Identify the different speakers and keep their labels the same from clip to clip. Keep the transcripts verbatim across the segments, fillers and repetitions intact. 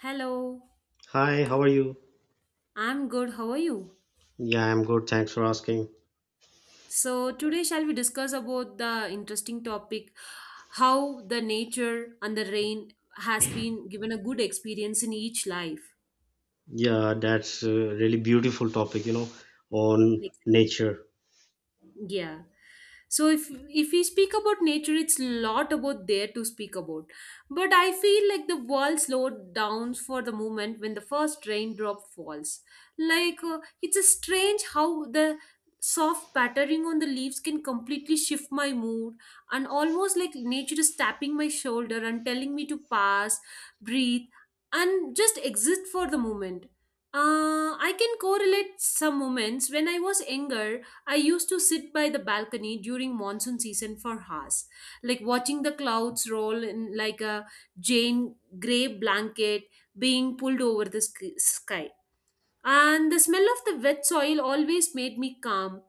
Speaker 1: Hello,
Speaker 2: Hi, how are you?
Speaker 1: I'm good. How are you?
Speaker 2: Yeah, I'm good. Thanks for asking.
Speaker 1: So, today shall we discuss about the interesting topic how the nature and the rain has been given a good experience in each life.
Speaker 2: Yeah, that's a really beautiful topic, you know, on
Speaker 1: Like
Speaker 2: nature.
Speaker 1: yeah. So if if we speak about nature, it's lot about there to speak about. But I feel like the world slowed down for the moment when the first raindrop falls. Like uh, it's a strange how the soft pattering on the leaves can completely shift my mood and almost like nature is tapping my shoulder and telling me to pass, breathe, and just exist for the moment. Uh, I can correlate some moments when I was younger I used to sit by the balcony during monsoon season for hours, like watching the clouds roll in like a Jane grey blanket being pulled over the sk- sky. And the smell of the wet soil always made me calm.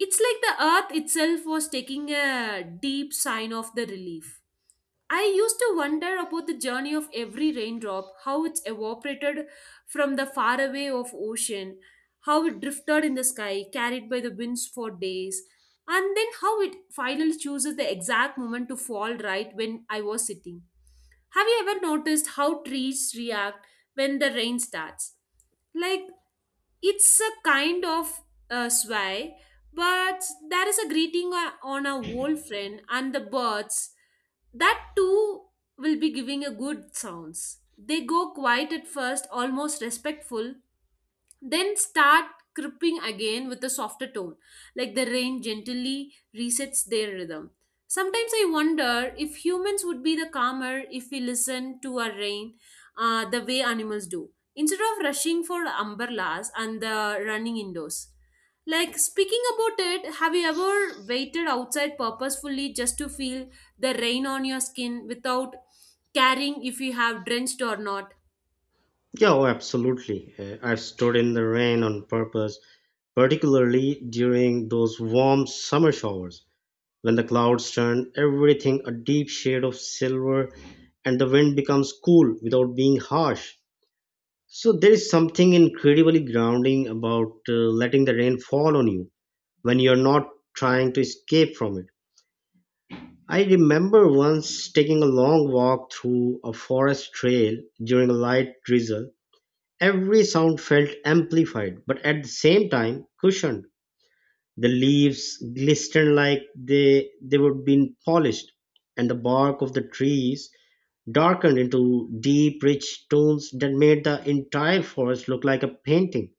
Speaker 1: It's like the earth itself was taking a deep sign of the relief. I used to wonder about the journey of every raindrop, how it's evaporated from the faraway of ocean, how it drifted in the sky, carried by the winds for days, and then how it finally chooses the exact moment to fall right when I was sitting. Have you ever noticed how trees react when the rain starts? Like it's a kind of uh, sway, but there is a greeting uh, on a old friend and the birds that too will be giving a good sounds they go quiet at first almost respectful then start cripping again with a softer tone, like the rain gently resets their rhythm. Sometimes I wonder if humans would be the calmer if we listen to our rain uh, the way animals do, instead of rushing for umbrellas and the running indoors. Like speaking about it, have you ever waited outside purposefully just to feel the rain on your skin without caring if you have drenched or not?
Speaker 2: Yeah, oh, absolutely. Uh, I've stood in the rain on purpose, particularly during those warm summer showers when the clouds turn everything a deep shade of silver and the wind becomes cool without being harsh. So there is something incredibly grounding about uh, letting the rain fall on you when you're not trying to escape from it. I remember once taking a long walk through a forest trail during a light drizzle. Every sound felt amplified, but at the same time cushioned. The leaves glistened like they, they would been polished, and the bark of the trees darkened into deep, rich tones that made the entire forest look like a painting.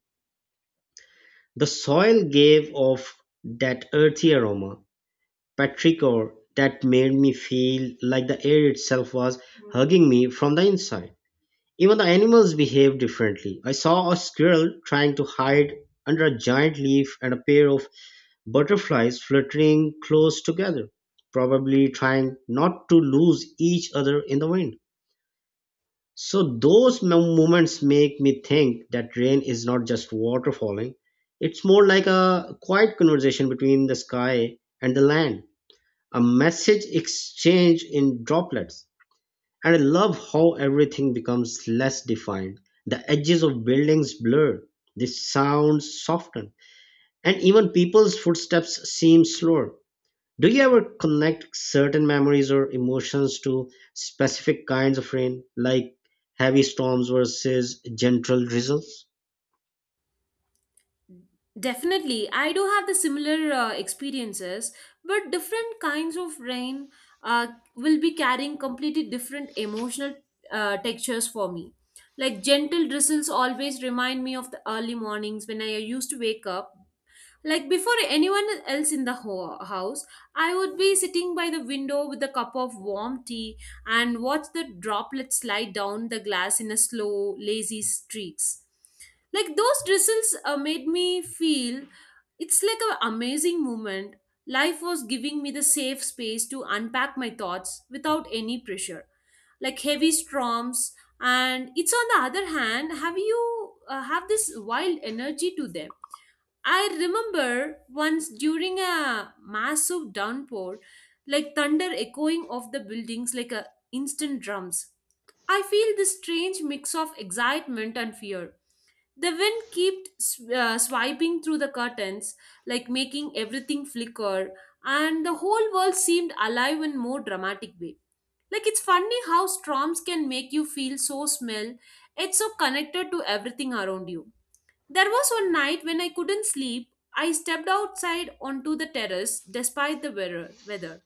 Speaker 2: The soil gave off that earthy aroma, petrichor that made me feel like the air itself was hugging me from the inside. Even the animals behaved differently. I saw a squirrel trying to hide under a giant leaf and a pair of butterflies fluttering close together, probably trying not to lose each other in the wind. So, those mo- moments make me think that rain is not just water falling, it's more like a quiet conversation between the sky and the land a message exchange in droplets. And I love how everything becomes less defined. The edges of buildings blur, the sounds soften, and even people's footsteps seem slower. Do you ever connect certain memories or emotions to specific kinds of rain, like heavy storms versus gentle drizzles?
Speaker 1: Definitely, I do have the similar uh, experiences, but different kinds of rain uh, will be carrying completely different emotional uh, textures for me. Like gentle drizzles always remind me of the early mornings when I used to wake up. Like before anyone else in the ho- house, I would be sitting by the window with a cup of warm tea and watch the droplets slide down the glass in a slow, lazy streaks like those drizzles uh, made me feel it's like an amazing moment. Life was giving me the safe space to unpack my thoughts without any pressure, like heavy storms. And it's on the other hand, have you uh, have this wild energy to them? I remember once during a massive downpour, like thunder echoing off the buildings like a instant drums. I feel this strange mix of excitement and fear the wind kept sw- uh, swiping through the curtains, like making everything flicker, and the whole world seemed alive in more dramatic way. Like it's funny how storms can make you feel so small. It's so connected to everything around you. There was one night when I couldn't sleep. I stepped outside onto the terrace despite the weather. weather.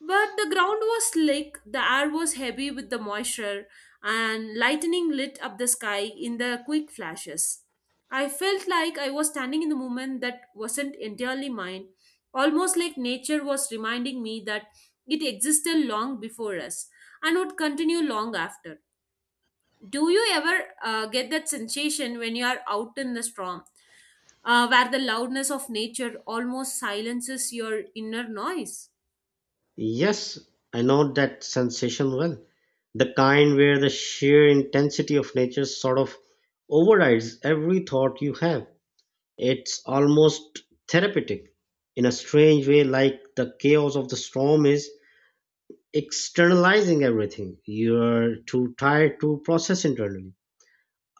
Speaker 1: But the ground was slick, the air was heavy with the moisture, and lightning lit up the sky in the quick flashes. I felt like I was standing in the moment that wasn't entirely mine, almost like nature was reminding me that it existed long before us and would continue long after. Do you ever uh, get that sensation when you are out in the storm, uh, where the loudness of nature almost silences your inner noise?
Speaker 2: Yes, I know that sensation well. The kind where the sheer intensity of nature sort of overrides every thought you have. It's almost therapeutic in a strange way, like the chaos of the storm is externalizing everything you're too tired to process internally.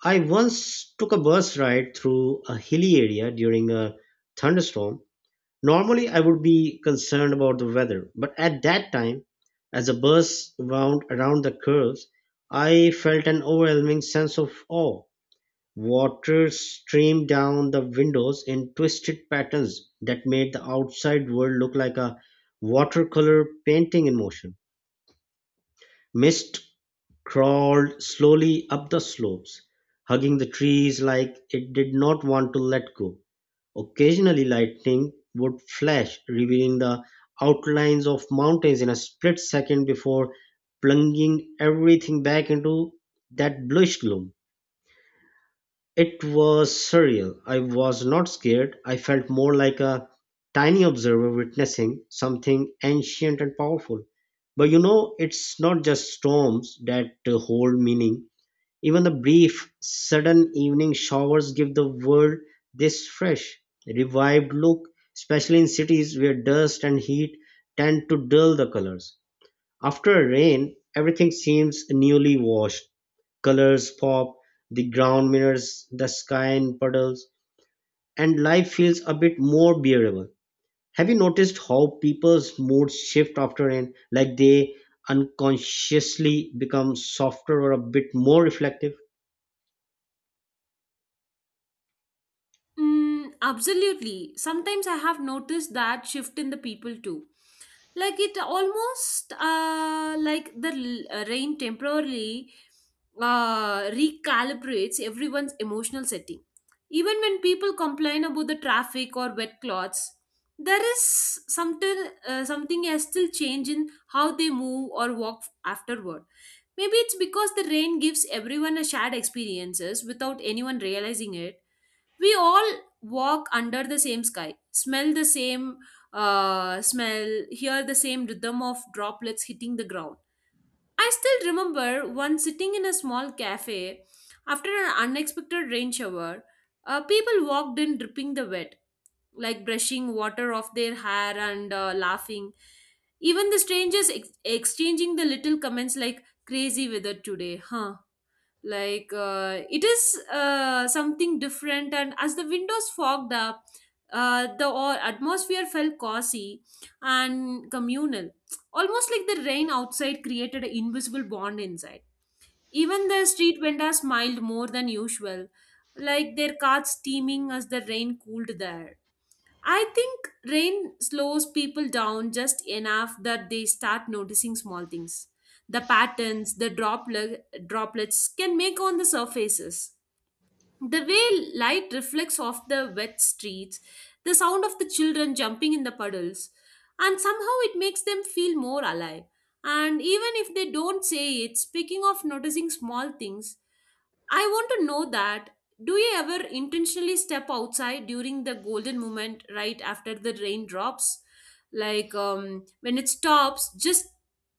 Speaker 2: I once took a bus ride through a hilly area during a thunderstorm. Normally, I would be concerned about the weather, but at that time, as the bus wound around the curves, I felt an overwhelming sense of awe. Water streamed down the windows in twisted patterns that made the outside world look like a watercolor painting in motion. Mist crawled slowly up the slopes, hugging the trees like it did not want to let go. Occasionally lightning would flash, revealing the outlines of mountains in a split second before plunging everything back into that bluish gloom. It was surreal. I was not scared. I felt more like a tiny observer witnessing something ancient and powerful. But you know, it's not just storms that uh, hold meaning. Even the brief, sudden evening showers give the world this fresh, revived look, especially in cities where dust and heat tend to dull the colors. After a rain, everything seems newly washed. Colors pop, the ground mirrors the sky in puddles, and life feels a bit more bearable. Have you noticed how people's moods shift after rain, like they unconsciously become softer or a bit more reflective?
Speaker 1: Mm, absolutely. Sometimes I have noticed that shift in the people too. Like it almost uh, like the l- uh, rain temporarily uh, recalibrates everyone's emotional setting. Even when people complain about the traffic or wet clothes, there is something uh, something has still change in how they move or walk afterward. Maybe it's because the rain gives everyone a shared experiences without anyone realizing it we all walk under the same sky smell the same uh, smell hear the same rhythm of droplets hitting the ground I still remember once sitting in a small cafe after an unexpected rain shower uh, people walked in dripping the wet like brushing water off their hair and uh, laughing even the strangers ex- exchanging the little comments like crazy weather today huh like uh, it is uh, something different and as the windows fogged up uh, the o- atmosphere felt cozy and communal almost like the rain outside created an invisible bond inside even the street vendors smiled more than usual like their carts steaming as the rain cooled the air. I think rain slows people down just enough that they start noticing small things. The patterns the droplet, droplets can make on the surfaces the way light reflects off the wet streets, the sound of the children jumping in the puddles, and somehow it makes them feel more alive. And even if they don't say it, speaking of noticing small things, I want to know that do you ever intentionally step outside during the golden moment right after the rain drops? Like um, when it stops, just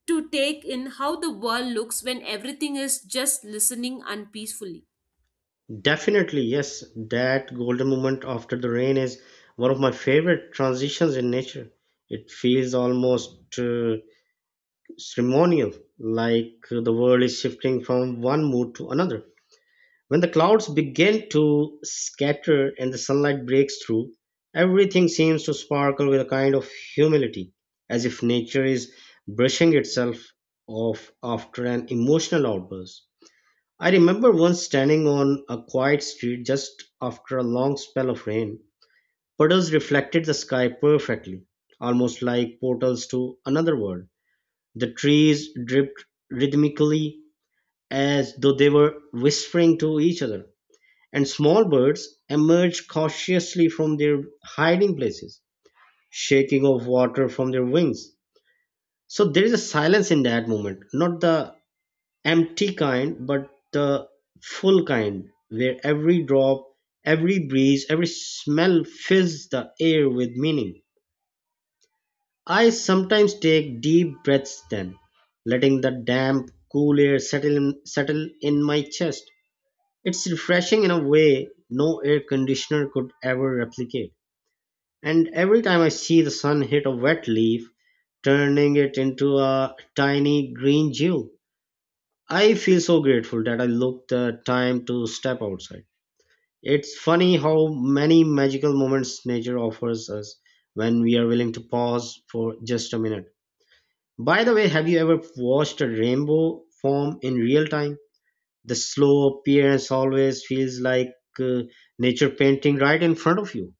Speaker 1: to take in how the world looks when everything is just listening and peacefully.
Speaker 2: Definitely, yes. That golden moment after the rain is one of my favorite transitions in nature. It feels almost uh, ceremonial, like the world is shifting from one mood to another. When the clouds begin to scatter and the sunlight breaks through, everything seems to sparkle with a kind of humility, as if nature is brushing itself off after an emotional outburst. I remember once standing on a quiet street just after a long spell of rain. Puddles reflected the sky perfectly, almost like portals to another world. The trees dripped rhythmically as though they were whispering to each other, and small birds emerged cautiously from their hiding places, shaking off water from their wings. So there is a silence in that moment, not the empty kind, but the full kind, where every drop, every breeze, every smell fills the air with meaning. I sometimes take deep breaths then, letting the damp, cool air settle in, settle in my chest. It's refreshing in a way no air conditioner could ever replicate. And every time I see the sun hit a wet leaf, turning it into a tiny green jewel, I feel so grateful that I look the time to step outside. It's funny how many magical moments nature offers us when we are willing to pause for just a minute. By the way, have you ever watched a rainbow form in real time? The slow appearance always feels like uh, nature painting right in front of you.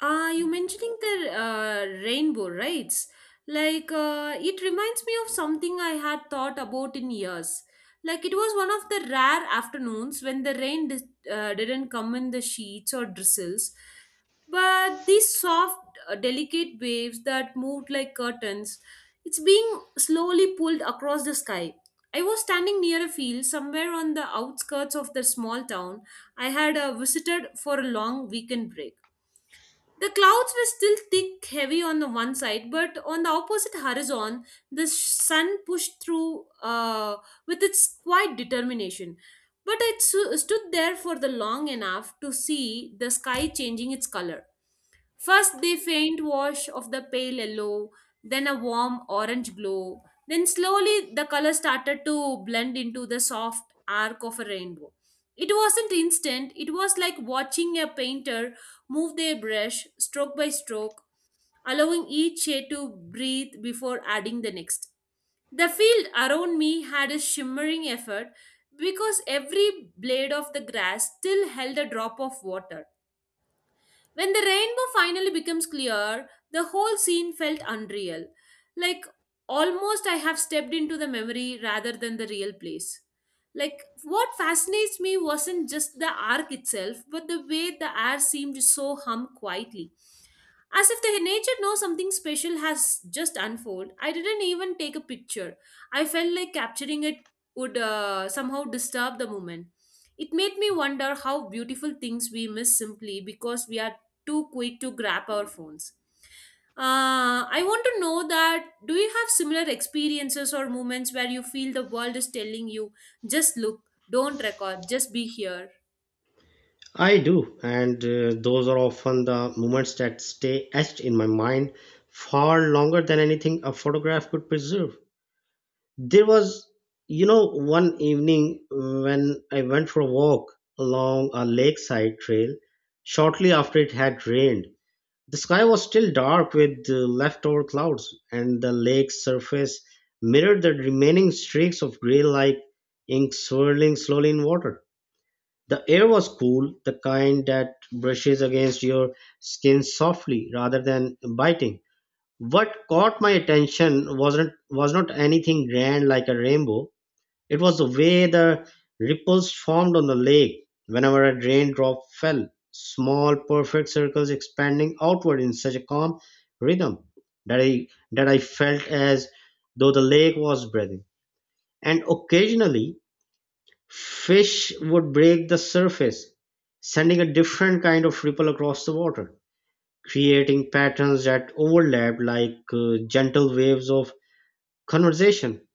Speaker 1: Uh, you mentioning the uh, rainbow, right? Like uh, it reminds me of something I had thought about in years. Like it was one of the rare afternoons when the rain dis- uh, didn't come in the sheets or drizzles, but these soft, uh, delicate waves that moved like curtains, it's being slowly pulled across the sky. I was standing near a field somewhere on the outskirts of the small town I had uh, visited for a long weekend break. The clouds were still thick, heavy on the one side, but on the opposite horizon, the sun pushed through uh, with its quiet determination. But it su- stood there for the long enough to see the sky changing its color. First, the faint wash of the pale yellow, then a warm orange glow. Then, slowly, the color started to blend into the soft arc of a rainbow. It wasn't instant, it was like watching a painter move their brush stroke by stroke, allowing each shade to breathe before adding the next. The field around me had a shimmering effort because every blade of the grass still held a drop of water when the rainbow finally becomes clear, the whole scene felt unreal. Like almost I have stepped into the memory rather than the real place. Like what fascinates me wasn't just the arc itself, but the way the air seemed to so hum quietly. As if the nature knows something special has just unfolded. I didn't even take a picture. I felt like capturing it would uh, somehow disturb the moment. It made me wonder how beautiful things we miss simply because we are too quick to grab our phones. Uh, I want to know that do you have similar experiences or moments where you feel the world is telling you, just look, don't record, just be here?
Speaker 2: I do, and uh, those are often the moments that stay etched in my mind far longer than anything a photograph could preserve. There was, you know, one evening uh, when I went for a walk along a lakeside trail shortly after it had rained. The sky was still dark with uh, leftover clouds, and the lake's surface mirrored the remaining streaks of gray like ink swirling slowly in water. The air was cool, the kind that brushes against your skin softly rather than biting. What caught my attention wasn't was not anything grand like a rainbow it was the way the ripples formed on the lake whenever a raindrop fell, small perfect circles expanding outward in such a calm rhythm that I, that I felt as though the lake was breathing. And occasionally, fish would break the surface, sending a different kind of ripple across the water, creating patterns that overlapped like uh, gentle waves of conversation.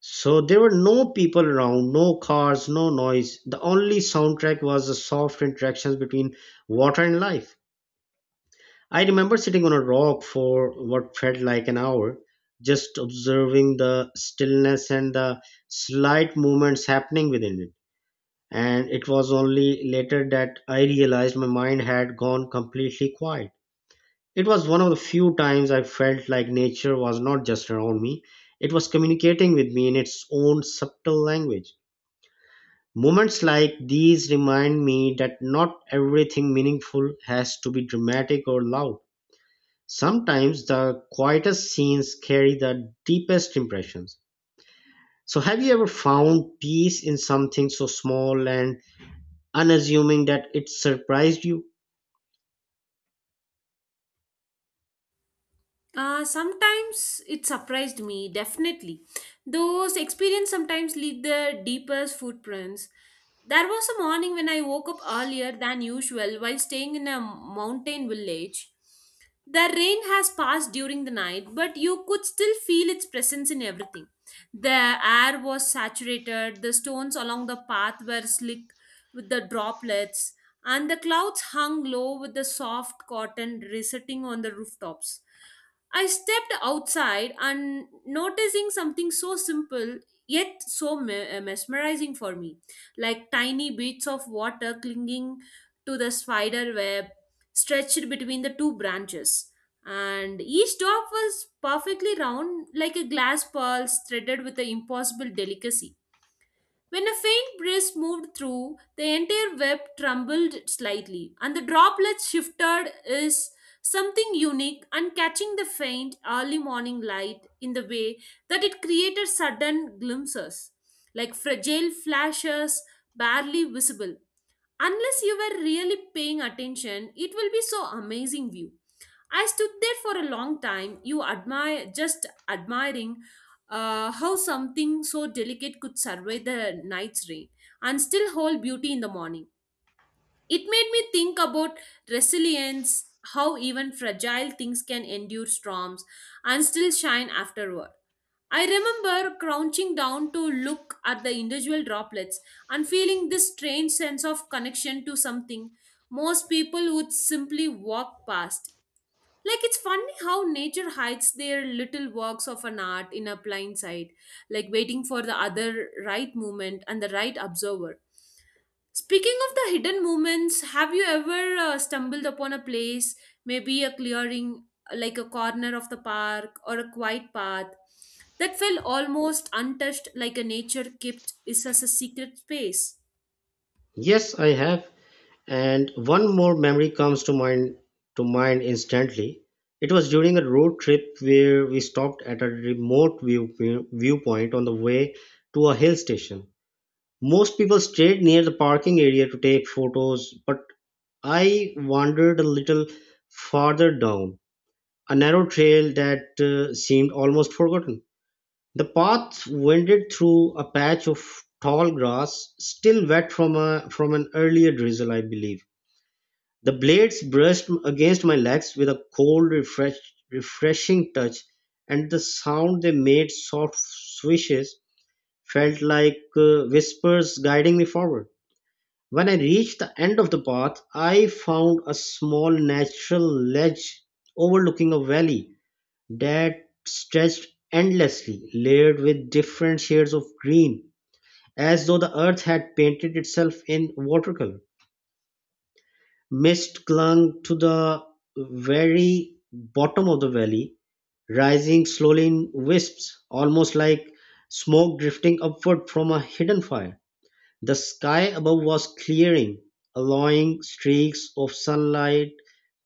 Speaker 2: So there were no people around, no cars, no noise. The only soundtrack was the soft interactions between water and life. I remember sitting on a rock for what felt like an hour, just observing the stillness and the slight movements happening within it. And it was only later that I realized my mind had gone completely quiet. It was one of the few times I felt like nature was not just around me, it was communicating with me in its own subtle language. Moments like these remind me that not everything meaningful has to be dramatic or loud. Sometimes the quietest scenes carry the deepest impressions. So, have you ever found peace in something so small and unassuming that it surprised you?
Speaker 1: Uh, sometimes it surprised me, definitely. Those experience sometimes leave the deepest footprints. There was a morning when I woke up earlier than usual while staying in a mountain village. The rain has passed during the night, but you could still feel its presence in everything. The air was saturated, the stones along the path were slick with the droplets, and the clouds hung low with the soft cotton resetting on the rooftops. I stepped outside and noticing something so simple yet so me- mesmerizing for me like tiny bits of water clinging to the spider web stretched between the two branches. And each dog was perfectly round, like a glass pulse threaded with the impossible delicacy. When a faint breeze moved through, the entire web trembled slightly, and the droplets shifted is something unique and catching the faint early morning light in the way that it created sudden glimpses, like fragile flashes barely visible. Unless you were really paying attention, it will be so amazing view. I stood there for a long time, you admire just admiring uh, how something so delicate could survive the night's rain and still hold beauty in the morning. It made me think about resilience, how even fragile things can endure storms and still shine afterward. I remember crouching down to look at the individual droplets and feeling this strange sense of connection to something most people would simply walk past. Like it's funny how nature hides their little works of an art in a plain sight, like waiting for the other right moment and the right observer. Speaking of the hidden moments, have you ever uh, stumbled upon a place, maybe a clearing, like a corner of the park or a quiet path that felt almost untouched, like a nature kept is as a secret space?
Speaker 2: Yes, I have. And one more memory comes to mind to mind instantly. It was during a road trip where we stopped at a remote view, viewpoint on the way to a hill station. Most people stayed near the parking area to take photos, but I wandered a little farther down, a narrow trail that uh, seemed almost forgotten. The path wended through a patch of tall grass, still wet from, a, from an earlier drizzle, I believe. The blades brushed against my legs with a cold, refresh, refreshing touch, and the sound they made soft swishes felt like uh, whispers guiding me forward. When I reached the end of the path, I found a small natural ledge overlooking a valley that stretched endlessly, layered with different shades of green, as though the earth had painted itself in watercolor. Mist clung to the very bottom of the valley, rising slowly in wisps, almost like smoke drifting upward from a hidden fire. The sky above was clearing, allowing streaks of sunlight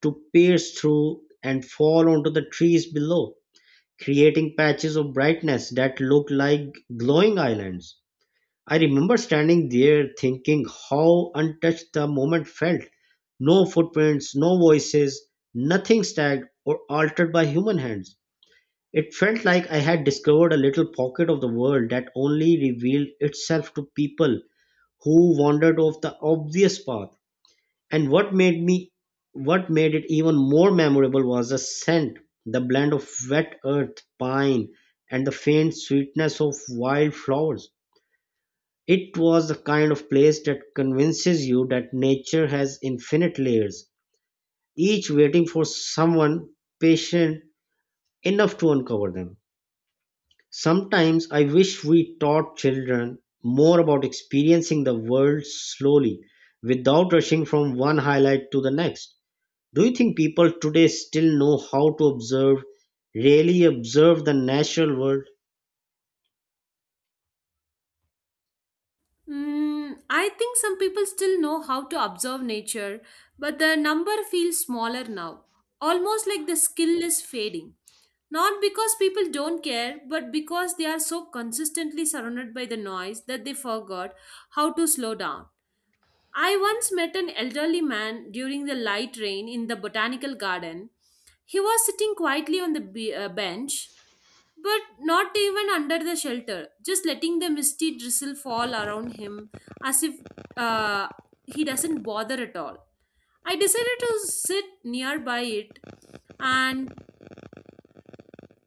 Speaker 2: to pierce through and fall onto the trees below, creating patches of brightness that looked like glowing islands. I remember standing there thinking how untouched the moment felt. No footprints, no voices, nothing stagged or altered by human hands. It felt like I had discovered a little pocket of the world that only revealed itself to people who wandered off the obvious path. And what made me what made it even more memorable was the scent, the blend of wet earth, pine, and the faint sweetness of wild flowers. It was the kind of place that convinces you that nature has infinite layers, each waiting for someone patient enough to uncover them. Sometimes I wish we taught children more about experiencing the world slowly without rushing from one highlight to the next. Do you think people today still know how to observe, really observe the natural world?
Speaker 1: Mm, I think some people still know how to observe nature, but the number feels smaller now, almost like the skill is fading. Not because people don't care, but because they are so consistently surrounded by the noise that they forgot how to slow down. I once met an elderly man during the light rain in the botanical garden. He was sitting quietly on the be- uh, bench, but not even under the shelter, just letting the misty drizzle fall around him as if uh, he doesn't bother at all. I decided to sit nearby it, and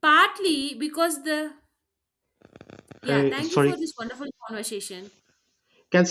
Speaker 1: partly because the yeah,
Speaker 2: Uh,
Speaker 1: thank you for
Speaker 2: sorry,
Speaker 1: this wonderful conversation.
Speaker 2: can